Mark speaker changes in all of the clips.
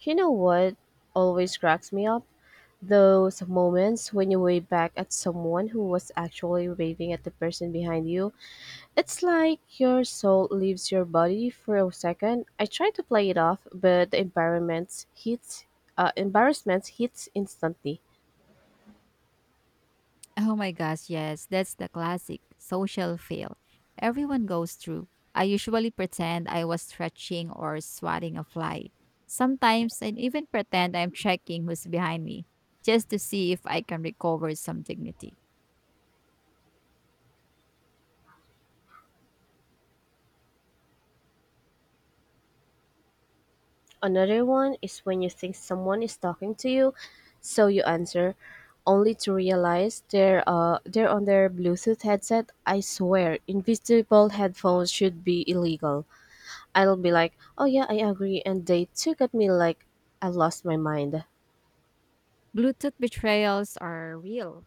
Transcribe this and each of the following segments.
Speaker 1: You know what always cracks me up? Those moments when you wave back at someone who was actually waving at the person behind you. It's like your soul leaves your body for a second. I try to play it off, but the environment hits embarrassment hits instantly.
Speaker 2: Oh my gosh, yes, that's the classic social fail. Everyone goes through. I usually pretend I was stretching or swatting a fly. Sometimes I even pretend I'm checking who's behind me, just to see if I can recover some dignity.
Speaker 1: Another one is when you think someone is talking to you, so you answer, only to realize they're on their Bluetooth headset. I swear, invisible headphones should be illegal. I'll be like, oh yeah, I agree. And they took at me like I lost my mind.
Speaker 2: Bluetooth betrayals are real.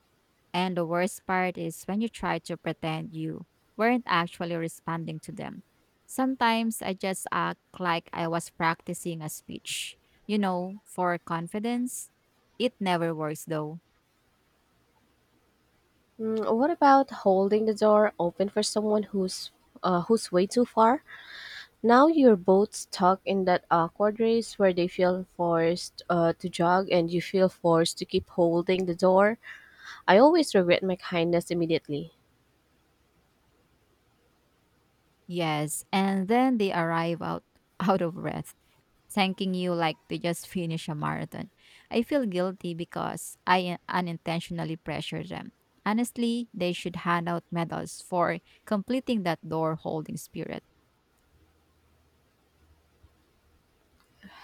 Speaker 2: And the worst part is when you try to pretend you weren't actually responding to them. Sometimes I just act like I was practicing a speech, you know, for confidence. It never works though.
Speaker 1: Mm, what about holding the door open for someone who's way too far? Now you're both stuck in that awkward race where they feel forced to jog and you feel forced to keep holding the door. I always regret my kindness immediately.
Speaker 2: Yes, and then they arrive out out of breath, thanking you like they just finish a marathon. I feel guilty because I unintentionally pressure them. Honestly, they should hand out medals for completing that door holding spirit.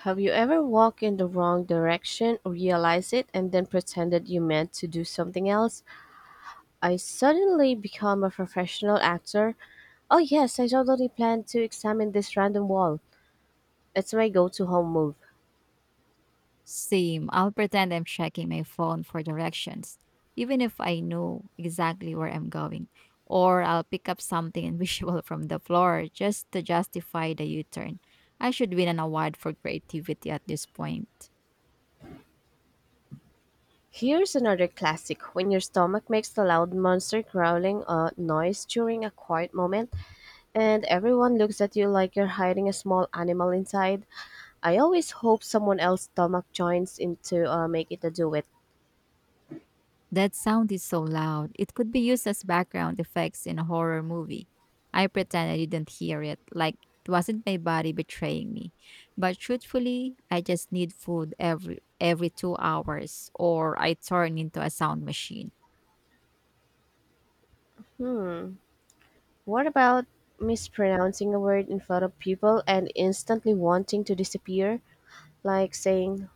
Speaker 1: Have you ever walked in the wrong direction, realized it, and then pretended you meant to do something else? I suddenly become a professional actor? Oh, yes, I totally plan to examine this random wall. It's my go to home move.
Speaker 2: Same. I'll pretend I'm checking my phone for directions, even if I know exactly where I'm going. Or I'll pick up something invisible from the floor just to justify the U turn. I should win an award for creativity at this point.
Speaker 1: Here's another classic. When your stomach makes the loud monster growling noise during a quiet moment, and everyone looks at you like you're hiding a small animal inside, I always hope someone else's stomach joins in to make it a duet.
Speaker 2: That sound is so loud. It could be used as background effects in a horror movie. I pretend I didn't hear it, like it wasn't my body betraying me. But truthfully, I just need food every 2 hours or I turn into a sound machine.
Speaker 1: Hmm, what about mispronouncing a word in front of people and instantly wanting to disappear? Like saying,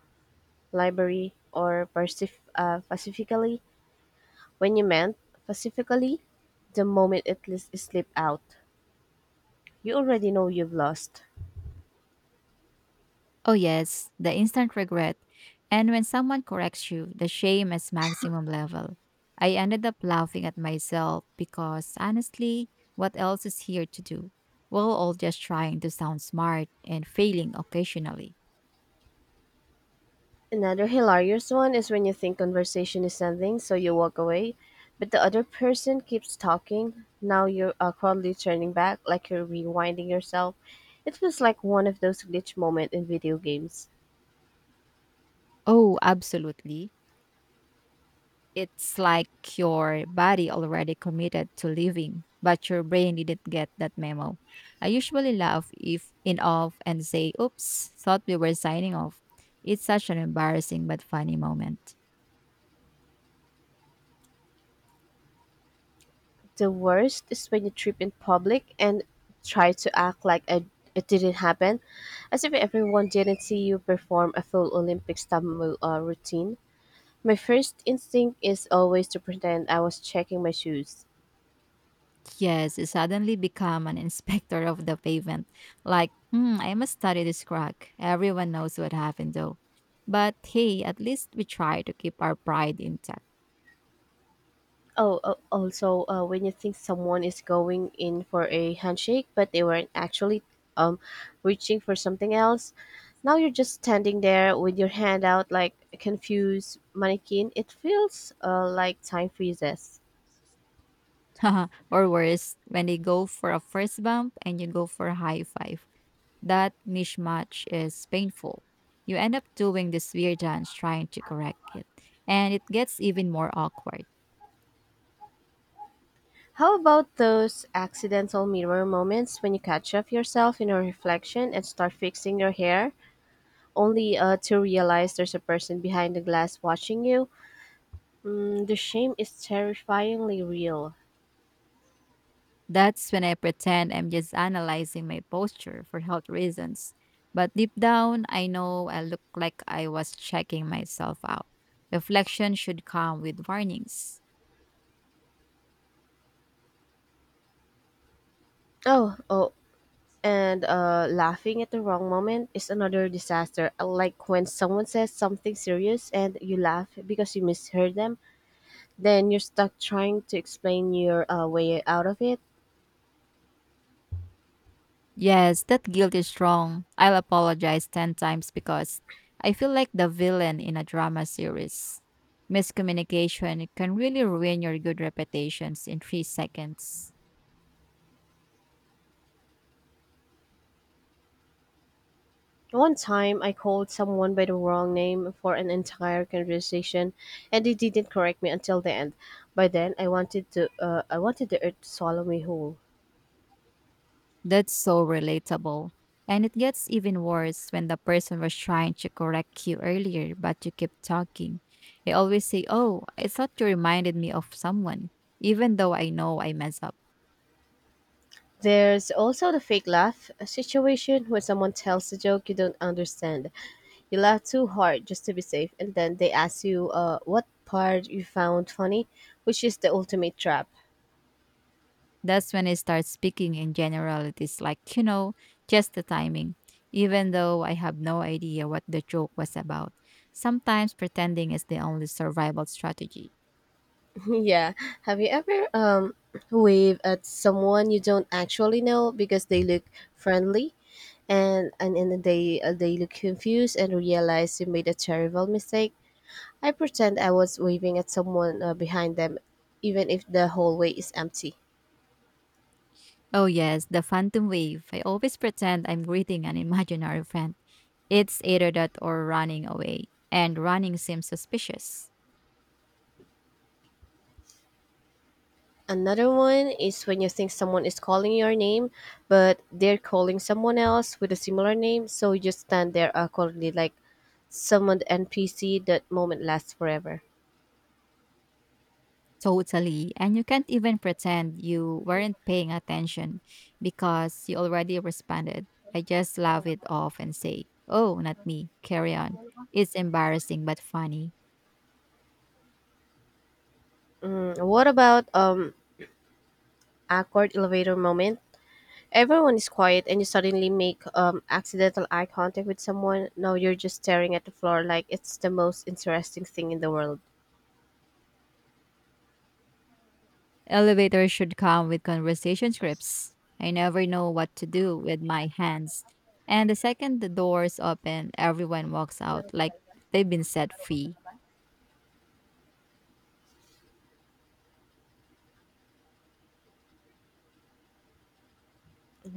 Speaker 1: library, or pacifically when you meant pacifically the moment it slipped out. You already know you've lost.
Speaker 2: Oh yes, the instant regret. And when someone corrects you, the shame is maximum level. I ended up laughing at myself because honestly, what else is here to do? While all just trying to sound smart and failing occasionally.
Speaker 1: Another hilarious one is when you think conversation is ending, so you walk away, but the other person keeps talking. Now you're awkwardly turning back, like you're rewinding yourself. It feels like one of those glitch moments in video games.
Speaker 2: Oh, absolutely. It's like your body already committed to leaving, but your brain didn't get that memo. I usually laugh if in off and say, "Oops, thought we were signing off." It's such an embarrassing but funny moment.
Speaker 1: The worst is when you trip in public and try to act like it didn't happen, as if everyone didn't see you perform a full Olympic stumble routine. My first instinct is always to pretend I was checking my shoes.
Speaker 2: Yes, you suddenly become an inspector of the pavement. Like, hmm, I must study this crack. Everyone knows what happened though. But hey, at least we try to keep our pride intact.
Speaker 1: Oh, also, when you think someone is going in for a handshake, but they weren't actually um, reaching for something else, now you're just standing there with your hand out like a confused mannequin. It feels like time freezes.
Speaker 2: Or worse, when they go for a first bump and you go for a high five, that mismatch is painful. You end up doing this weird dance trying to correct it, and it gets even more awkward.
Speaker 1: How about those accidental mirror moments when you catch up yourself in a reflection and start fixing your hair, only to realize there's a person behind the glass watching you? Mm, the shame is terrifyingly real.
Speaker 2: That's when I pretend I'm just analyzing my posture for health reasons. But deep down, I know I look like I was checking myself out. Reflection should come with warnings.
Speaker 1: Oh, oh, and Laughing at the wrong moment is another disaster. Like when someone says something serious and you laugh because you misheard them, then you're stuck trying to explain your way out of it.
Speaker 2: Yes, that guilt is strong. I'll apologize 10 times because I feel like the villain in a drama series. Miscommunication can really ruin your good reputations in 3 seconds.
Speaker 1: One time, I called someone by the wrong name for an entire conversation, and they didn't correct me until the end. By then, I wanted the earth to swallow me whole.
Speaker 2: That's so relatable. And it gets even worse when the person was trying to correct you earlier, but you kept talking. They always say, oh, I thought you reminded me of someone, even though I know I mess up.
Speaker 1: There's also the fake laugh a situation where someone tells a joke you don't understand. You laugh too hard just to be safe, and then they ask you what part you found funny, which is the ultimate trap.
Speaker 2: That's when I start speaking in generalities, like, you know, just the timing, even though I have no idea what the joke was about. Sometimes pretending is the only survival strategy.
Speaker 1: Yeah. Have you ever wave at someone you don't actually know because they look friendly and they look confused and realize you made a terrible mistake? I pretend I was waving at someone behind them even if the hallway is empty.
Speaker 2: Oh, yes, the phantom wave. I always pretend I'm greeting an imaginary friend. It's either that or running away, and running seems suspicious.
Speaker 1: Another one is when you think someone is calling your name, but they're calling someone else with a similar name, so you just stand there awkwardly like someone NPC. That moment lasts forever.
Speaker 2: Totally, and you can't even pretend you weren't paying attention because you already responded. I just laugh it off and say, oh, not me, carry on. It's embarrassing but funny.
Speaker 1: Mm, what about awkward elevator moment? Everyone is quiet and you suddenly make accidental eye contact with someone. Now you're just staring at the floor like it's the most interesting thing in the world.
Speaker 2: Elevators should come with conversation scripts. I never know what to do with my hands. And the second the doors open, everyone walks out like they've been set free.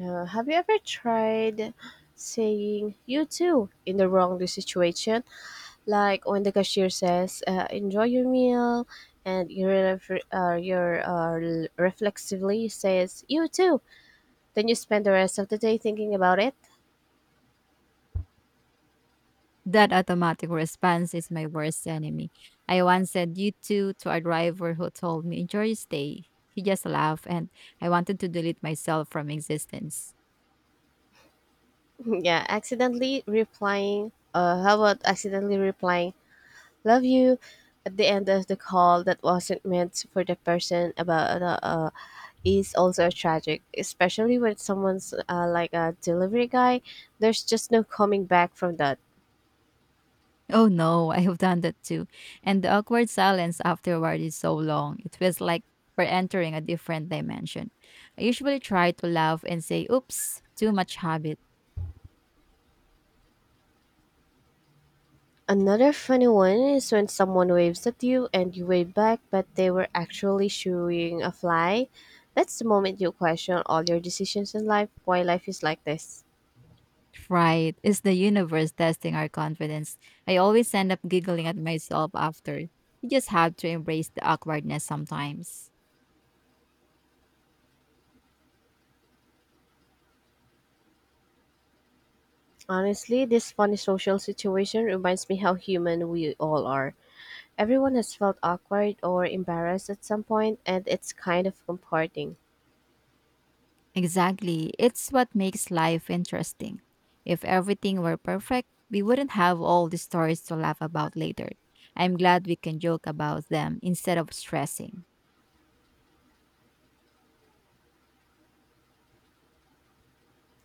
Speaker 1: Have you ever tried saying you too in the wrong situation? Like when the cashier says, "Enjoy your meal," and you ref- your reflexively says, "You too." Then you spend the rest of the day thinking about it.
Speaker 2: That automatic response is my worst enemy. I once said you two to a driver who told me, enjoy your stay. He just laughed and I wanted to delete myself from existence.
Speaker 1: Yeah, accidentally replying. How about accidentally replying "love you" at the end of the call that wasn't meant for the person about is also tragic, especially when someone's like a delivery guy. There's just no coming back from that.
Speaker 2: Oh no, I have done that too. And the awkward silence afterward is so long. It feels like we're entering a different dimension. I usually try to laugh and say, oops, too much habit.
Speaker 1: Another funny one is when someone waves at you and you wave back, but they were actually shooing a fly. That's the moment you question all your decisions in life. Why life is like this.
Speaker 2: Right. It's the universe testing our confidence. I always end up giggling at myself after. You just have to embrace the awkwardness sometimes.
Speaker 1: Honestly, this funny social situation reminds me how human we all are. Everyone has felt awkward or embarrassed at some point, and it's kind of comforting.
Speaker 2: Exactly. It's what makes life interesting. If everything were perfect, we wouldn't have all the stories to laugh about later. I'm glad we can joke about them instead of stressing.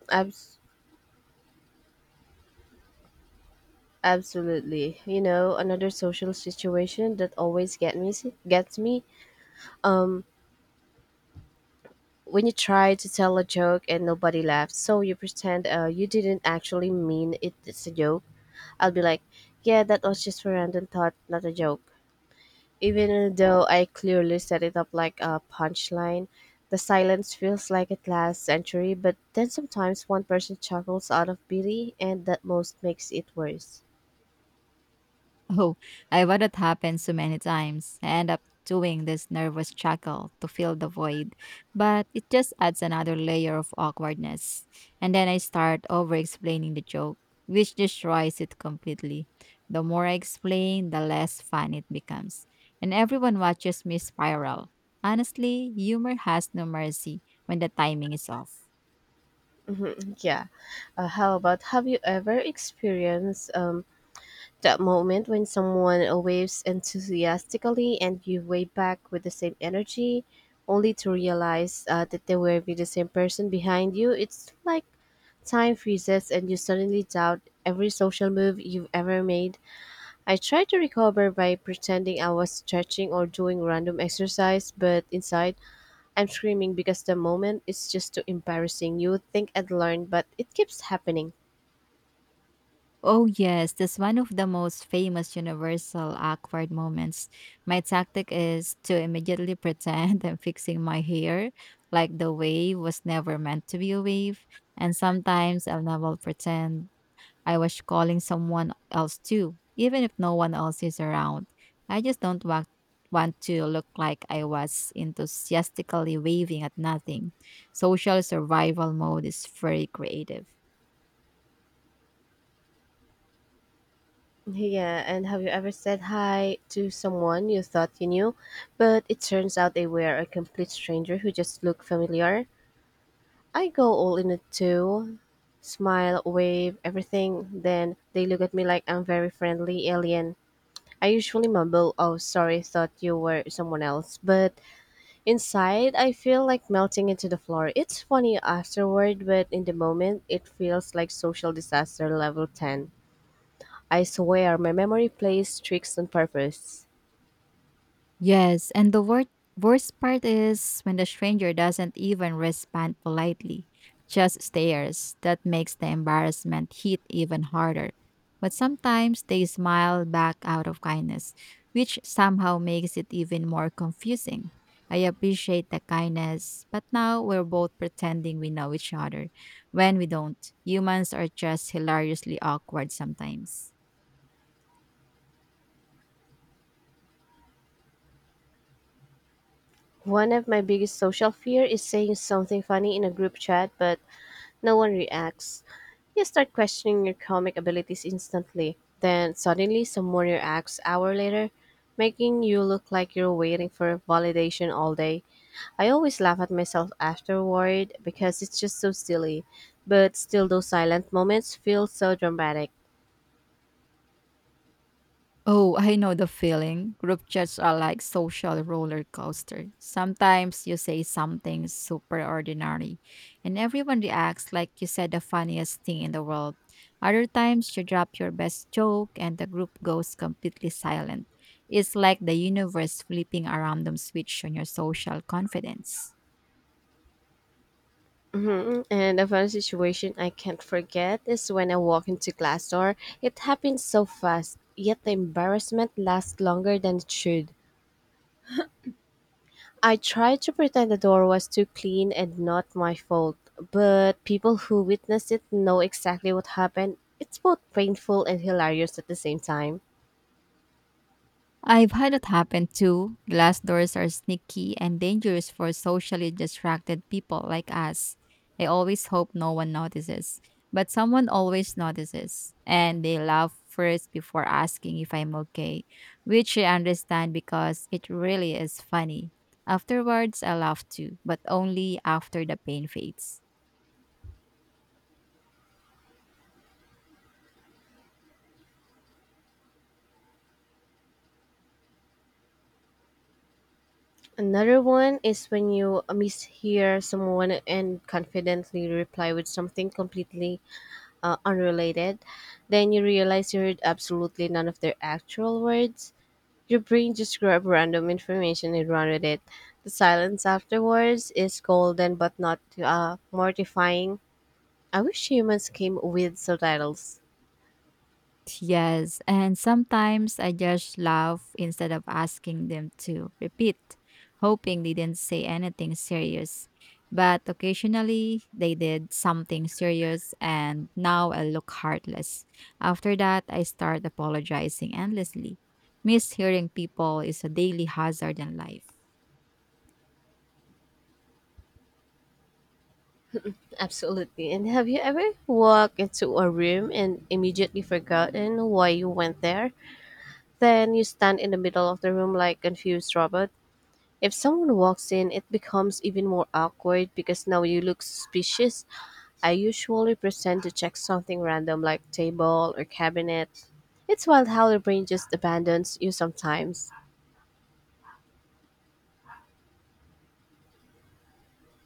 Speaker 1: Abs- Absolutely. You know, another social situation that always get me gets me. Um, when you try to tell a joke and nobody laughs, so you pretend you didn't actually mean it, it's a joke. I'll be like, "Yeah, that was just a random thought, not a joke." Even though I clearly set it up like a punchline, the silence feels like it lasts century, but then sometimes one person chuckles out of pity and that most makes it worse.
Speaker 2: Oh, I have had it happen so many times. I end up doing this nervous chuckle to fill the void, but it just adds another layer of awkwardness. And then I start over explaining the joke, which destroys it completely. The more I explain, the less fun it becomes. And everyone watches me spiral. Honestly, humor has no mercy when the timing is off.
Speaker 1: Yeah. How about have you ever experienced that moment when someone waves enthusiastically and you wave back with the same energy, only to realize that they were with the same person behind you, it's like time freezes and you suddenly doubt every social move you've ever made. I tried to recover by pretending I was stretching or doing random exercise, but inside, I'm screaming because the moment is just too embarrassing. You would think I'd learned, but it keeps happening.
Speaker 2: Oh, yes, that's one of the most famous universal awkward moments. My tactic is to immediately pretend I'm fixing my hair, like the wave was never meant to be a wave. And sometimes I'll never pretend I was calling someone else too, even if no one else is around. I just don't want to look like I was enthusiastically waving at nothing. Social survival mode is very creative.
Speaker 1: Yeah, and have you ever said hi to someone you thought you knew, but it turns out they were a complete stranger who just looked familiar? I go all in it too. Smile, wave, everything. Then they look at me like I'm very friendly alien. I usually mumble, "Oh, sorry, thought you were someone else." But inside, I feel like melting into the floor. It's funny afterward, but in the moment, it feels like social disaster level 10. I swear my memory plays tricks on purpose.
Speaker 2: Yes, and the worst part is when the stranger doesn't even respond politely, just stares. That makes the embarrassment hit even harder. But sometimes they smile back out of kindness, which somehow makes it even more confusing. I appreciate the kindness, but now we're both pretending we know each other when we don't. Humans are just hilariously awkward sometimes.
Speaker 1: One of my biggest social fear is saying something funny in a group chat but no one reacts. You start questioning your comic abilities instantly. Then suddenly someone reacts hour later, making you look like you're waiting for validation all day. I always laugh at myself afterward because it's just so silly. But still those silent moments feel so dramatic.
Speaker 2: Oh, I know the feeling. Group chats are like social roller coaster. Sometimes you say something super ordinary and everyone reacts like you said the funniest thing in the world. Other times you drop your best joke and the group goes completely silent. It's like the universe flipping a random switch on your social confidence.
Speaker 1: Mhm. And a fun situation I can't forget is when I walk into Glassdoor. It happened so fast, yet the embarrassment lasts longer than it should. I tried to pretend the door was too clean and not my fault, but people who witnessed it know exactly what happened. It's both painful and hilarious at the same time.
Speaker 2: I've had it happen too. Glass doors are sneaky and dangerous for socially distracted people like us. I always hope no one notices, but someone always notices, and they laugh first before asking if I'm okay, which I understand because it really is funny. Afterwards, I laugh too, but only after the pain fades.
Speaker 1: Another one is when you mishear someone and confidently reply with something completely unrelated, then you realize you heard absolutely none of their actual words. Your brain just grabbed random information and ran with it. The silence afterwards is golden but not mortifying. I wish humans came with subtitles.
Speaker 2: Yes, and sometimes I just laugh instead of asking them to repeat, hoping they didn't say anything serious. But occasionally they did something serious, and now I look heartless. After that, I start apologizing endlessly. Mishearing people is a daily hazard in life.
Speaker 1: Absolutely. And have you ever walked into a room and immediately forgotten why you went there? Then you stand in the middle of the room like confused robot. If someone walks in, it becomes even more awkward because now you look suspicious. I usually pretend to check something random like table or cabinet. It's wild how the brain just abandons you sometimes.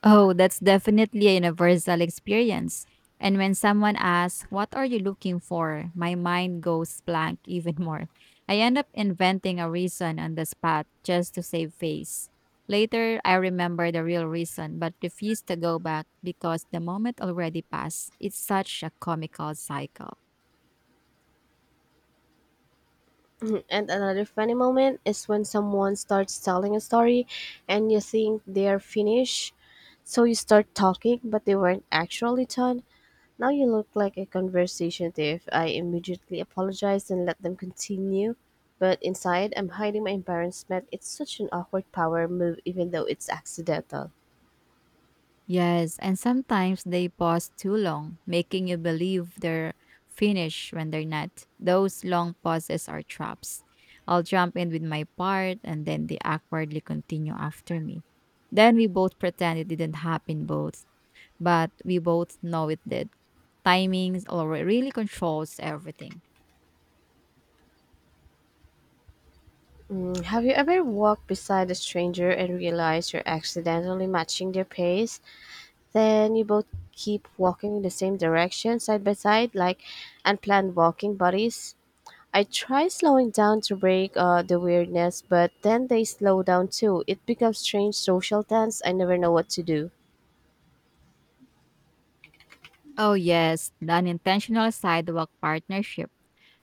Speaker 2: Oh, that's definitely a universal experience. And when someone asks, what are you looking for? My mind goes blank even more. I end up inventing a reason on the spot just to save face. Later, I remember the real reason but refuse to go back because the moment already passed. It's such a comical cycle.
Speaker 1: Mhm. And another funny moment is when someone starts telling a story and you think they're finished. So you start talking, but they weren't actually done. Now you look like a conversation thief. I immediately apologize and let them continue. But inside, I'm hiding my embarrassment. It's such an awkward power move, even though it's accidental.
Speaker 2: Yes, and sometimes they pause too long, making you believe they're finished when they're not. Those long pauses are traps. I'll jump in with my part and then they awkwardly continue after me. Then we both pretend it didn't happen both but we both know it did. Timings all really controls everything.
Speaker 1: Have you ever walked beside a stranger and realized you're accidentally matching their pace? Then you both keep walking in the same direction, side by side, like unplanned walking buddies. I try slowing down to break the weirdness, but then they slow down too. It becomes strange social tense. I never know what to do.
Speaker 2: Oh yes, the unintentional sidewalk partnership.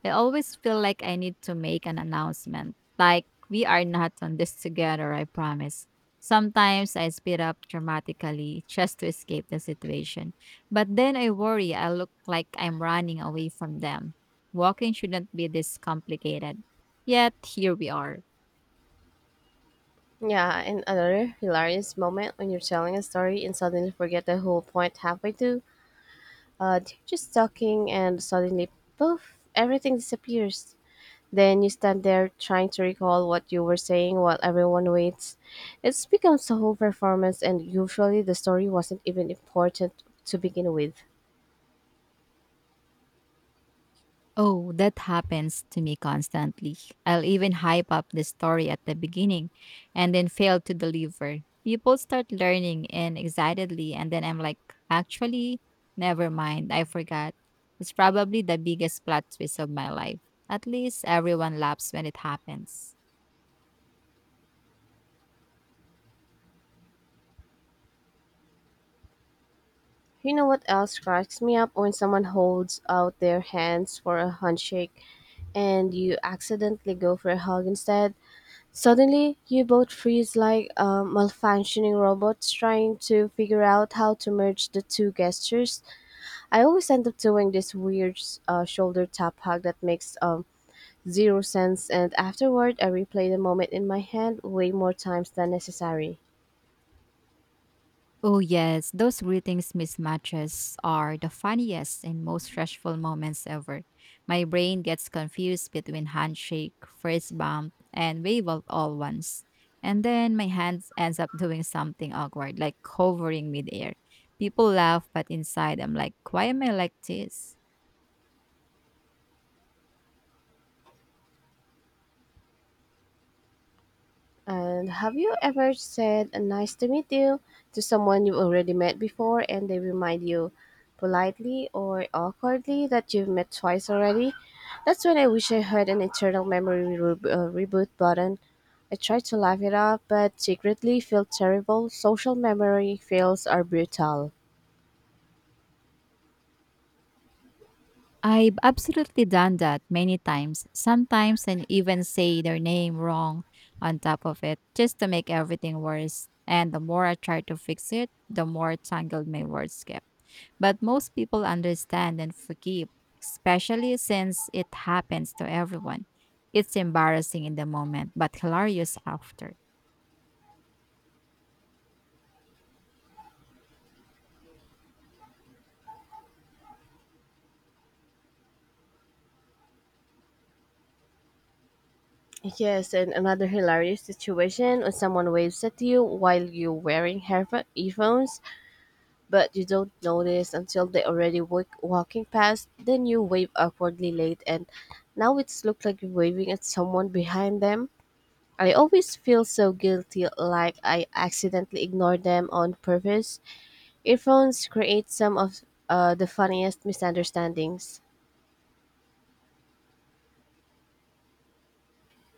Speaker 2: I always feel like I need to make an announcement, like, we are not on this together, I promise. Sometimes I speed up dramatically just to escape the situation. But then I worry I look like I'm running away from them. Walking shouldn't be this complicated. Yet here we are.
Speaker 1: Yeah, and another hilarious moment when you're telling a story and suddenly forget the whole point halfway through. They're just talking and suddenly, poof, everything disappears. Then you stand there trying to recall what you were saying while everyone waits. It's becomes a whole performance, and usually the story wasn't even important to begin with.
Speaker 2: Oh, that happens to me constantly. I'll even hype up the story at the beginning and then fail to deliver. People start learning and excitedly, and then I'm like, actually, never mind, I forgot. It's probably the biggest plot twist of my life. At least everyone laughs when it happens.
Speaker 1: You know what else cracks me up when someone holds out their hands for a handshake and you accidentally go for a hug instead? Suddenly, you both freeze like malfunctioning robots trying to figure out how to merge the two gestures. I always end up doing this weird shoulder tap hug that makes zero sense. And afterward, I replay the moment in my head way more times than necessary.
Speaker 2: Oh, yes, those greetings mismatches are the funniest and most stressful moments ever. My brain gets confused between handshake, fist bump, and wave all once. And then my hands ends up doing something awkward, like hovering midair. People laugh, but inside I'm like, why am I like this?
Speaker 1: And have you ever said "nice to meet you" to someone you've already met before, and they remind you politely or awkwardly that you've met twice already? That's when I wish I had an internal memory reboot button. I try to laugh it off, but secretly feel terrible. Social memory fails are brutal.
Speaker 2: I've absolutely done that many times. Sometimes and even say their name wrong on top of it just to make everything worse. And the more I try to fix it, the more tangled my words get. But most people understand and forgive, especially since it happens to everyone. It's embarrassing in the moment, but hilarious after.
Speaker 1: Yes, and another hilarious situation when someone waves at you while you're wearing earphones, but you don't notice until they already walking past. Then you wave awkwardly late, and now it's looked like you're waving at someone behind them. I always feel so guilty, like I accidentally ignored them on purpose. Earphones create some of the funniest misunderstandings.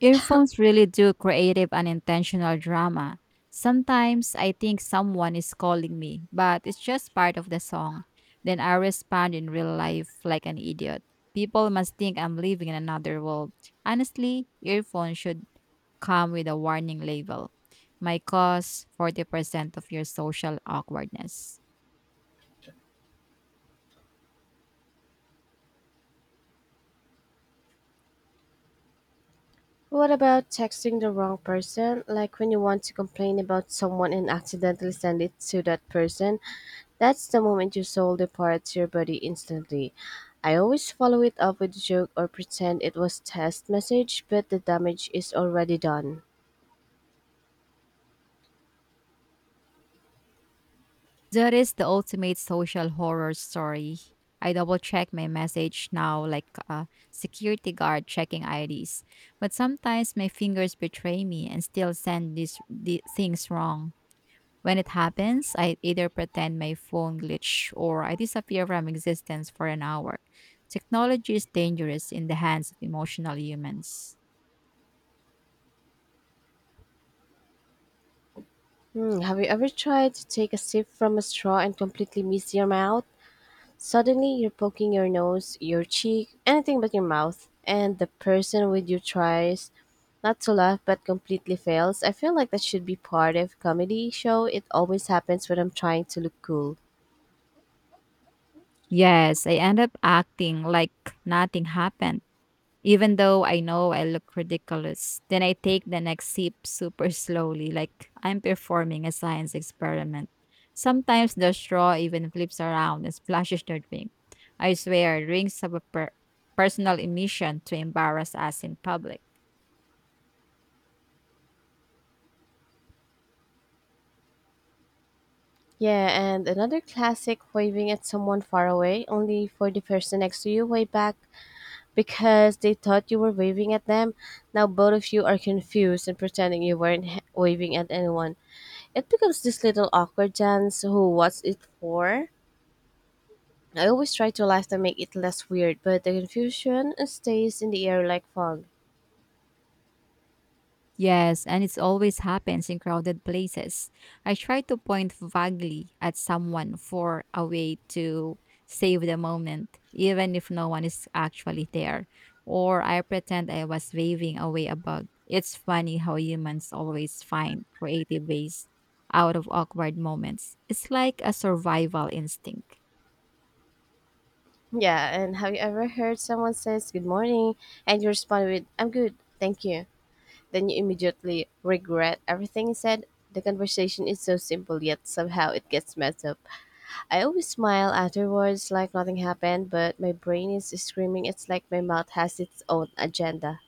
Speaker 2: Earphones really do creative and intentional drama. Sometimes I think someone is calling me, but it's just part of the song. Then I respond in real life like an idiot. People must think I'm living in another world. Honestly, earphones should come with a warning label. My cost 40% of your social awkwardness.
Speaker 1: What about texting the wrong person? Like when you want to complain about someone and accidentally send it to that person? That's the moment your soul departs your body instantly. I always follow it up with a joke or pretend it was test message, but the damage is already done.
Speaker 2: That is the ultimate social horror story. I double check my message now like a security guard checking IDs. But sometimes my fingers betray me and still send the things wrong. When it happens, I either pretend my phone glitch or I disappear from existence for an hour. Technology is dangerous in the hands of emotional humans.
Speaker 1: Hmm, have you ever tried to take a sip from a straw and completely miss your mouth? Suddenly, you're poking your nose, your cheek, anything but your mouth, and the person with you tries not to laugh but completely fails. I feel like that should be part of comedy show. It always happens when I'm trying to look cool.
Speaker 2: Yes, I end up acting like nothing happened. Even though I know I look ridiculous, then I take the next sip super slowly, like I'm performing a science experiment. Sometimes the straw even flips around and splashes the drink. I swear, drinks have a personal emission to embarrass us in public.
Speaker 1: Yeah, and another classic waving at someone far away, only for the person next to you way back because they thought you were waving at them. Now both of you are confused and pretending you weren't waving at anyone. It becomes this little awkward dance. Who? What's it for? I always try to laugh to make it less weird, but the confusion stays in the air like fog.
Speaker 2: Yes, and it always happens in crowded places. I try to point vaguely at someone for a way to save the moment, even if no one is actually there. Or I pretend I was waving away a bug. It's funny how humans always find creative ways out of awkward moments. It's like a survival instinct.
Speaker 1: Yeah, and have you ever heard someone says good morning and you respond with I'm good, thank you. Then you immediately regret everything you said. The conversation is so simple yet somehow it gets messed up. I always smile afterwards like nothing happened, but my brain is screaming it's like my mouth has its own agenda.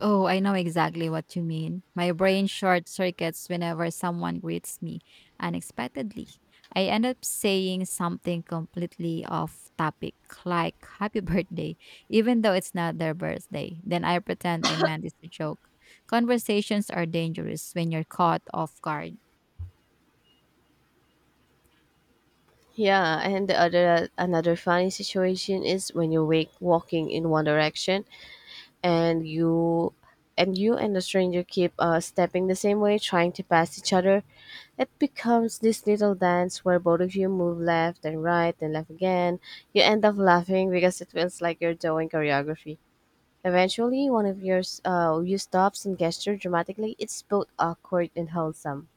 Speaker 2: Oh, I know exactly what you mean. My brain short circuits whenever someone greets me unexpectedly. I end up saying something completely off topic, like happy birthday, even though it's not their birthday. Then I pretend I meant it's a joke. Conversations are dangerous when you're caught off guard.
Speaker 1: Yeah, and the other another funny situation is when you wake walking in one direction and you and you and the stranger keep stepping the same way trying to pass each other. It becomes this little dance where both of you move left and right and left again. You end up laughing because it feels like you're doing choreography. Eventually, one of you stops and gestures dramatically. It's both awkward and wholesome.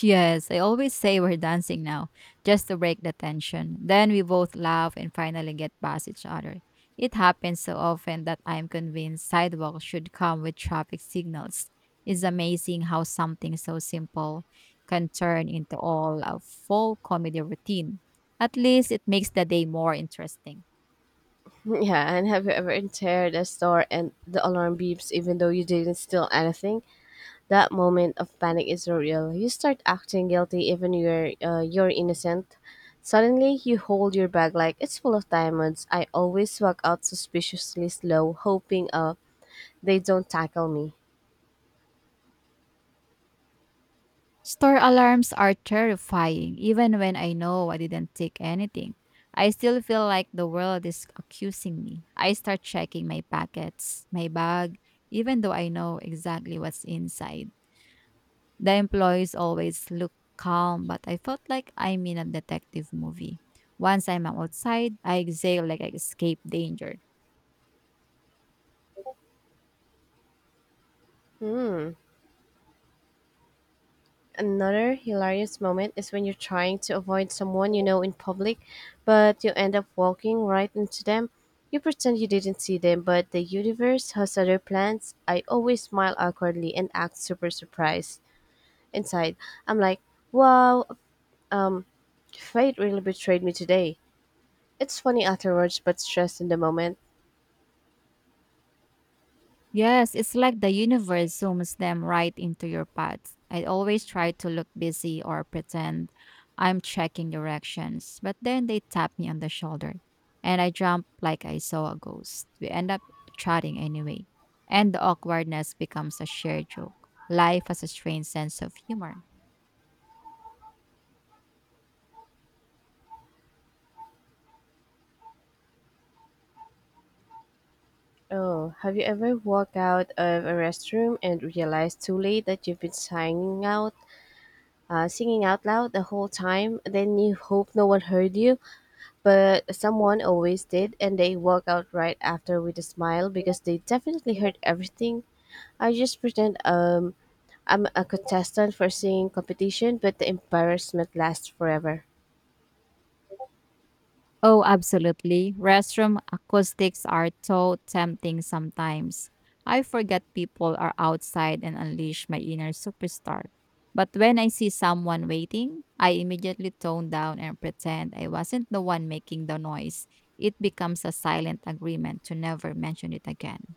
Speaker 2: Yes, I always say we're dancing now, just to break the tension. Then we both laugh and finally get past each other. It happens so often that I'm convinced sidewalks should come with traffic signals. It's amazing how something so simple can turn into all a full comedy routine. At least it makes the day more interesting.
Speaker 1: Yeah, and have you ever entered a store and the alarm beeps even though you didn't steal anything? That moment of panic is real. You start acting guilty even you're innocent. Suddenly, you hold your bag like it's full of diamonds. I always walk out suspiciously slow, hoping they don't tackle me.
Speaker 2: Store alarms are terrifying, even when I know I didn't take anything. I still feel like the world is accusing me. I start checking my packets, my bag, even though I know exactly what's inside. The employees always look calm, but I felt like I'm in a detective movie. Once I'm outside, I exhale like I escaped danger.
Speaker 1: Hmm. Another hilarious moment is when you're trying to avoid someone you know in public, but you end up walking right into them. You pretend you didn't see them, but the universe has other plans. I always smile awkwardly and act super surprised. Inside, I'm like, wow, um, fate really betrayed me today. It's funny afterwards, but stressed in the moment.
Speaker 2: Yes, it's like the universe zooms them right into your path. I always try to look busy or pretend I'm checking directions, but then they tap me on the shoulder and I jump like I saw a ghost. We end up chatting anyway, and the awkwardness becomes a shared joke. Life has a strange sense of humor.
Speaker 1: Oh, have you ever walked out of a restroom and realized too late that you've been singing out loud the whole time? Then you hope no one heard you, but someone always did, and they walk out right after with a smile because they definitely heard everything. I just pretend I'm a contestant for singing competition, but the embarrassment lasts forever.
Speaker 2: Oh, absolutely. Restroom acoustics are so tempting sometimes. I forget people are outside and unleash my inner superstar. But when I see someone waiting, I immediately tone down and pretend I wasn't the one making the noise. It becomes a silent agreement to never mention it again.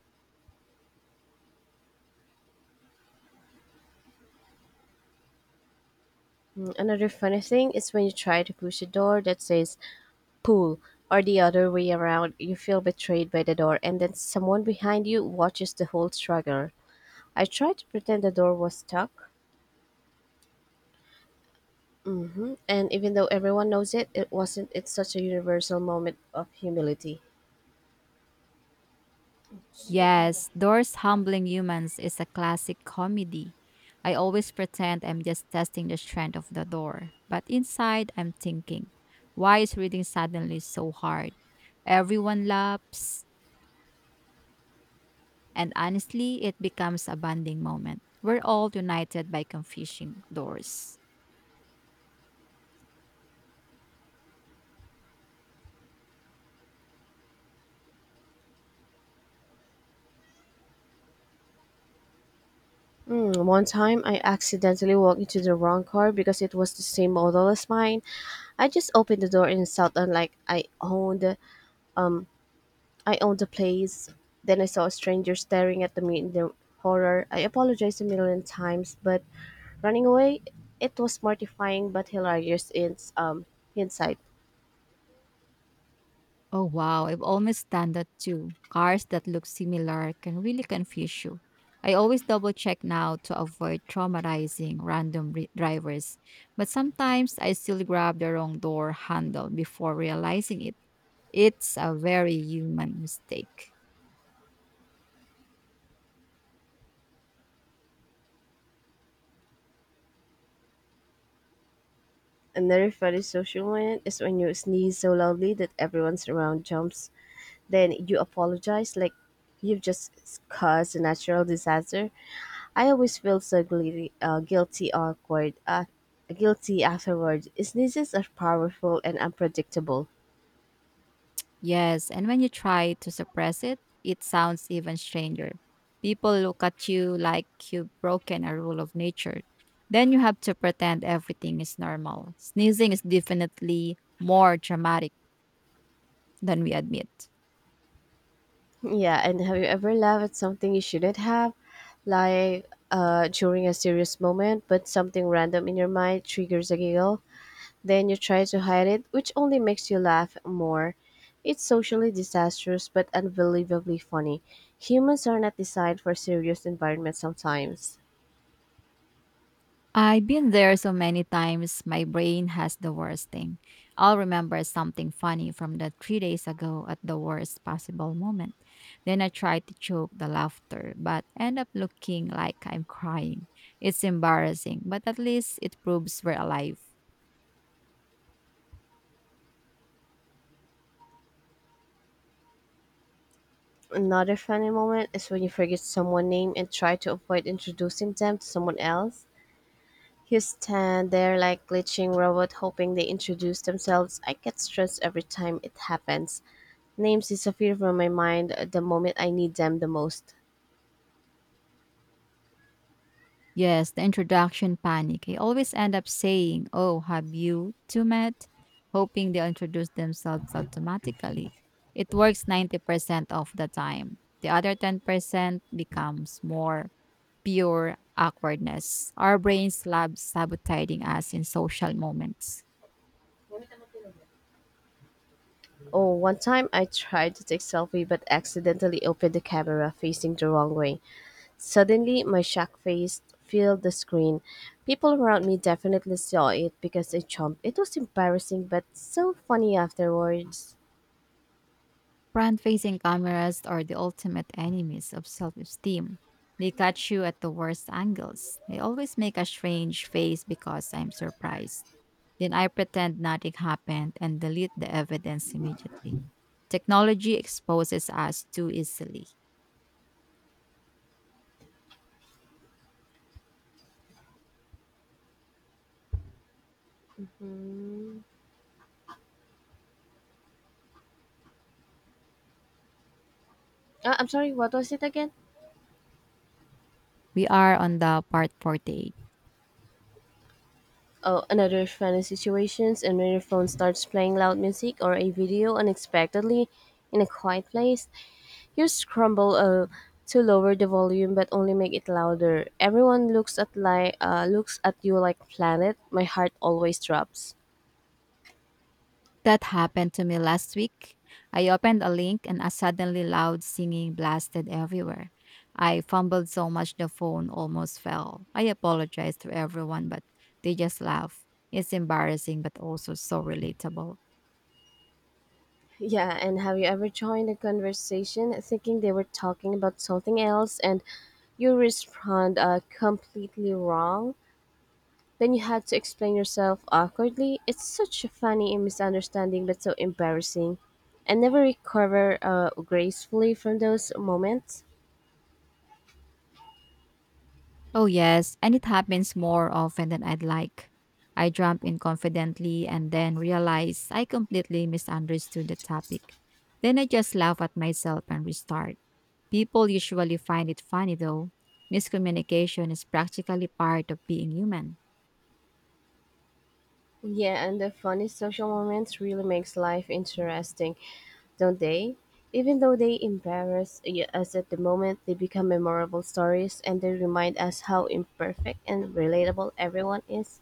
Speaker 1: Mm, another funny thing is when you try to push a door that says pool or the other way around. You feel betrayed by the door and then someone behind you watches the whole struggle. I tried to pretend the door was stuck. And even though everyone knows it, it wasn't. It's such a universal moment of humility.
Speaker 2: Yes, Doors Humbling Humans is a classic comedy. I always pretend I'm just testing the strength of the door, but inside I'm thinking, why is reading suddenly so hard? Everyone laughs, and honestly, it becomes a bonding moment. We're all united by confusing doors.
Speaker 1: Mm, one time, I accidentally walked into the wrong car because it was the same model as mine. I just opened the door and insulted like I owned the place. Then I saw a stranger staring at me in the horror. I apologized a million times, but running away, it was mortifying but hilarious in hindsight.
Speaker 2: Oh wow, I've almost done that too. Cars that look similar can really confuse you. I always double check now to avoid traumatizing random drivers, but sometimes I still grab the wrong door handle before realizing it. It's a very human mistake.
Speaker 1: Another funny social moment is when you sneeze so loudly that everyone's around jumps. Then you apologize like you've just caused a natural disaster. I always feel so guilty afterward. Sneezes are powerful and unpredictable.
Speaker 2: Yes, and when you try to suppress it, it sounds even stranger. People look at you like you've broken a rule of nature. Then you have to pretend everything is normal. Sneezing is definitely more dramatic than we admit.
Speaker 1: Yeah, and have you ever laughed at something you shouldn't have? Like during a serious moment, but something random in your mind triggers a giggle. Then you try to hide it, which only makes you laugh more. It's socially disastrous, but unbelievably funny. Humans are not designed for serious environments sometimes.
Speaker 2: I've been there so many times, my brain has the worst thing. I'll remember something funny from the 3 days ago at the worst possible moment. Then I try to choke the laughter, but end up looking like I'm crying. It's embarrassing, but at least it proves we're alive.
Speaker 1: Another funny moment is when you forget someone's name and try to avoid introducing them to someone else. You stand there like glitching robot hoping they introduce themselves. I get stressed every time it happens. Names disappear from my mind at the moment I need them the most.
Speaker 2: Yes, the introduction panic. I always end up saying, oh, have you two met? Hoping they'll introduce themselves automatically. It works 90% of the time. The other 10% becomes more pure awkwardness. Our brains love sabotaging us in social moments.
Speaker 1: Oh, one time I tried to take selfie but accidentally opened the camera facing the wrong way. Suddenly, my shocked face filled the screen. People around me definitely saw it because I jumped. It was embarrassing but so funny afterwards.
Speaker 2: Front facing cameras are the ultimate enemies of self esteem. They catch you at the worst angles. They always make a strange face because I'm surprised. Then I pretend nothing happened and delete the evidence immediately. Technology exposes us too easily.
Speaker 1: Mm. Ah, I'm sorry, what was it again?
Speaker 2: We are on the part 48.
Speaker 1: Oh, another funny situations and when your phone starts playing loud music or a video unexpectedly in a quiet place, you scramble to lower the volume but only make it louder. Everyone looks at you like planet. My heart always drops.
Speaker 2: That happened to me last week. I opened a link and a suddenly loud singing blasted everywhere. I fumbled so much the phone almost fell. I apologized to everyone, but they just laughed. It's embarrassing, but also so relatable.
Speaker 1: Yeah, and have you ever joined a conversation thinking they were talking about something else and you respond completely wrong? Then you had to explain yourself awkwardly. It's such a funny misunderstanding, but so embarrassing. I never recover gracefully from those moments.
Speaker 2: Oh, yes, and it happens more often than I'd like. I jump in confidently and then realize I completely misunderstood the topic. Then I just laugh at myself and restart. People usually find it funny though. Miscommunication is practically part of being human.
Speaker 1: Yeah, and the funny social moments really makes life interesting, don't they? Even though they embarrass us at the moment, they become memorable stories and they remind us how imperfect and relatable everyone is.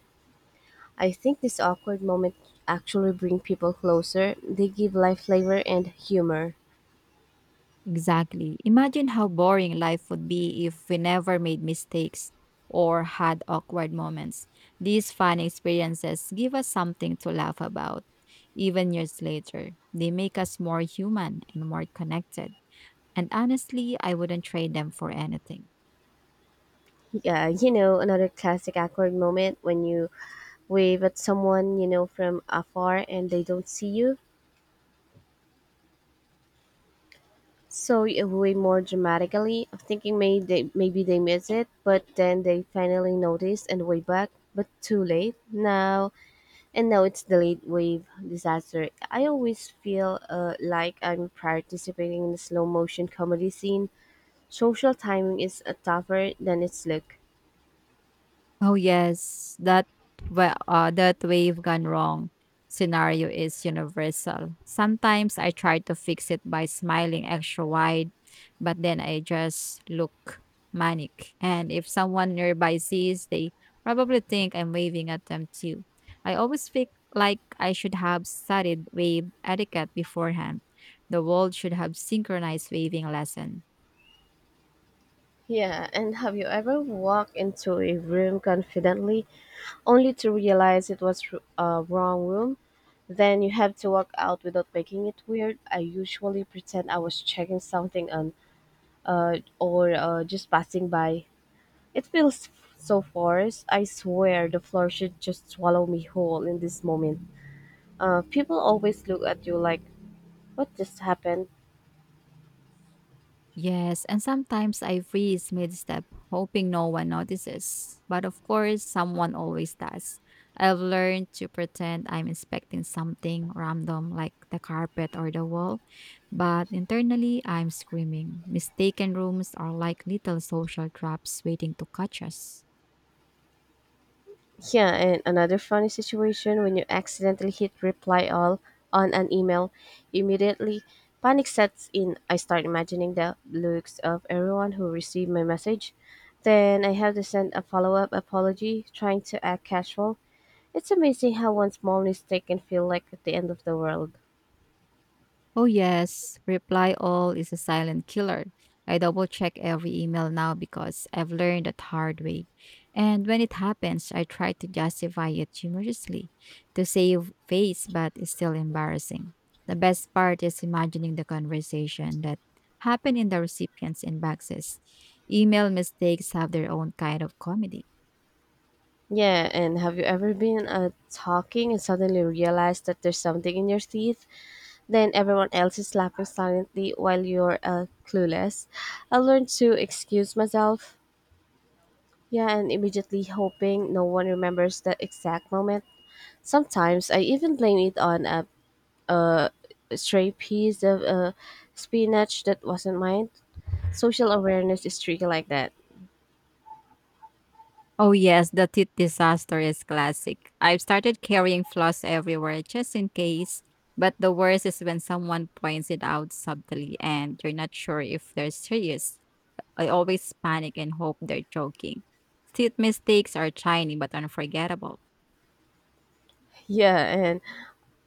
Speaker 1: I think this awkward moment actually bring people closer. They give life flavor and humor.
Speaker 2: Exactly. Imagine how boring life would be if we never made mistakes or had awkward moments. These fun experiences give us something to laugh about, even years later. They make us more human and more connected. And honestly, I wouldn't trade them for anything.
Speaker 1: Yeah, you know, another classic awkward moment when you wave at someone, you know, from afar and they don't see you. So you wave more dramatically, thinking maybe they miss it, but then they finally notice and wave back, but too late. And now it's the late wave disaster. I always feel like I'm participating in a slow motion comedy scene. Social timing is tougher than its look.
Speaker 2: Oh yes, that, that wave gone wrong scenario is universal. Sometimes I try to fix it by smiling extra wide, but then I just look manic. And if someone nearby sees, they probably think I'm waving at them too. I always feel like I should have studied wave etiquette beforehand. The world should have synchronized waving lesson.
Speaker 1: Yeah, and have you ever walked into a room confidently only to realize it was a wrong room. Then you have to walk out without making it weird. I usually pretend I was checking something on, or just passing by. It feels so forced. I swear the floor should just swallow me whole in this moment. People always look at you like, what just happened?
Speaker 2: Yes, and sometimes I freeze mid-step, hoping no one notices. But of course, someone always does. I've learned to pretend I'm inspecting something random like the carpet or the wall, but internally I'm screaming. Mistaken rooms are like little social traps waiting to catch us.
Speaker 1: Yeah, and another funny situation when you accidentally hit reply all on an email, immediately panic sets in. I start imagining the looks of everyone who received my message. Then I have to send a follow up apology, trying to act casual. It's amazing how one small mistake can feel like the end of the world.
Speaker 2: Oh, yes. Reply all is a silent killer. I double check every email now because I've learned that hard way. And when it happens, I try to justify it humorously to save face, but it's still embarrassing. The best part is imagining the conversation that happened in the recipients' inboxes. Email mistakes have their own kind of comedy.
Speaker 1: Yeah, and have you ever been talking and suddenly realized that there's something in your teeth? Then everyone else is laughing silently while you're clueless. I learned to excuse myself, yeah, and immediately hoping no one remembers the exact moment. Sometimes I even blame it on a stray piece of spinach that wasn't mine. Social awareness is tricky like that.
Speaker 2: Oh yes, the teeth disaster is classic. I've started carrying floss everywhere just in case. But the worst is when someone points it out subtly and you're not sure if they're serious. I always panic and hope they're joking. Teeth mistakes are tiny but unforgettable.
Speaker 1: Yeah, and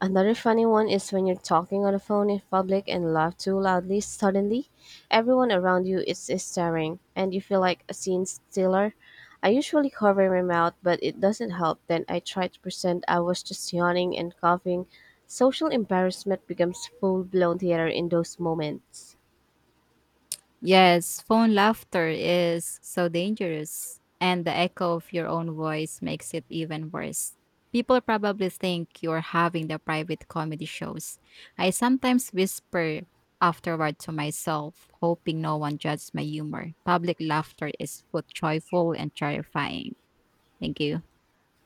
Speaker 1: another funny one is when you're talking on the phone in public and laugh too loudly, suddenly everyone around you is staring and you feel like a scene stealer. I usually cover my mouth, but it doesn't help. Then I try to pretend I was just yawning and coughing. Social embarrassment becomes full blown theater in those moments.
Speaker 2: Yes, phone laughter is so dangerous, and the echo of your own voice makes it even worse. People probably think you're having the private comedy shows. I sometimes whisper afterward to myself, hoping no one judges my humor. Public laughter is both joyful and terrifying. Thank you.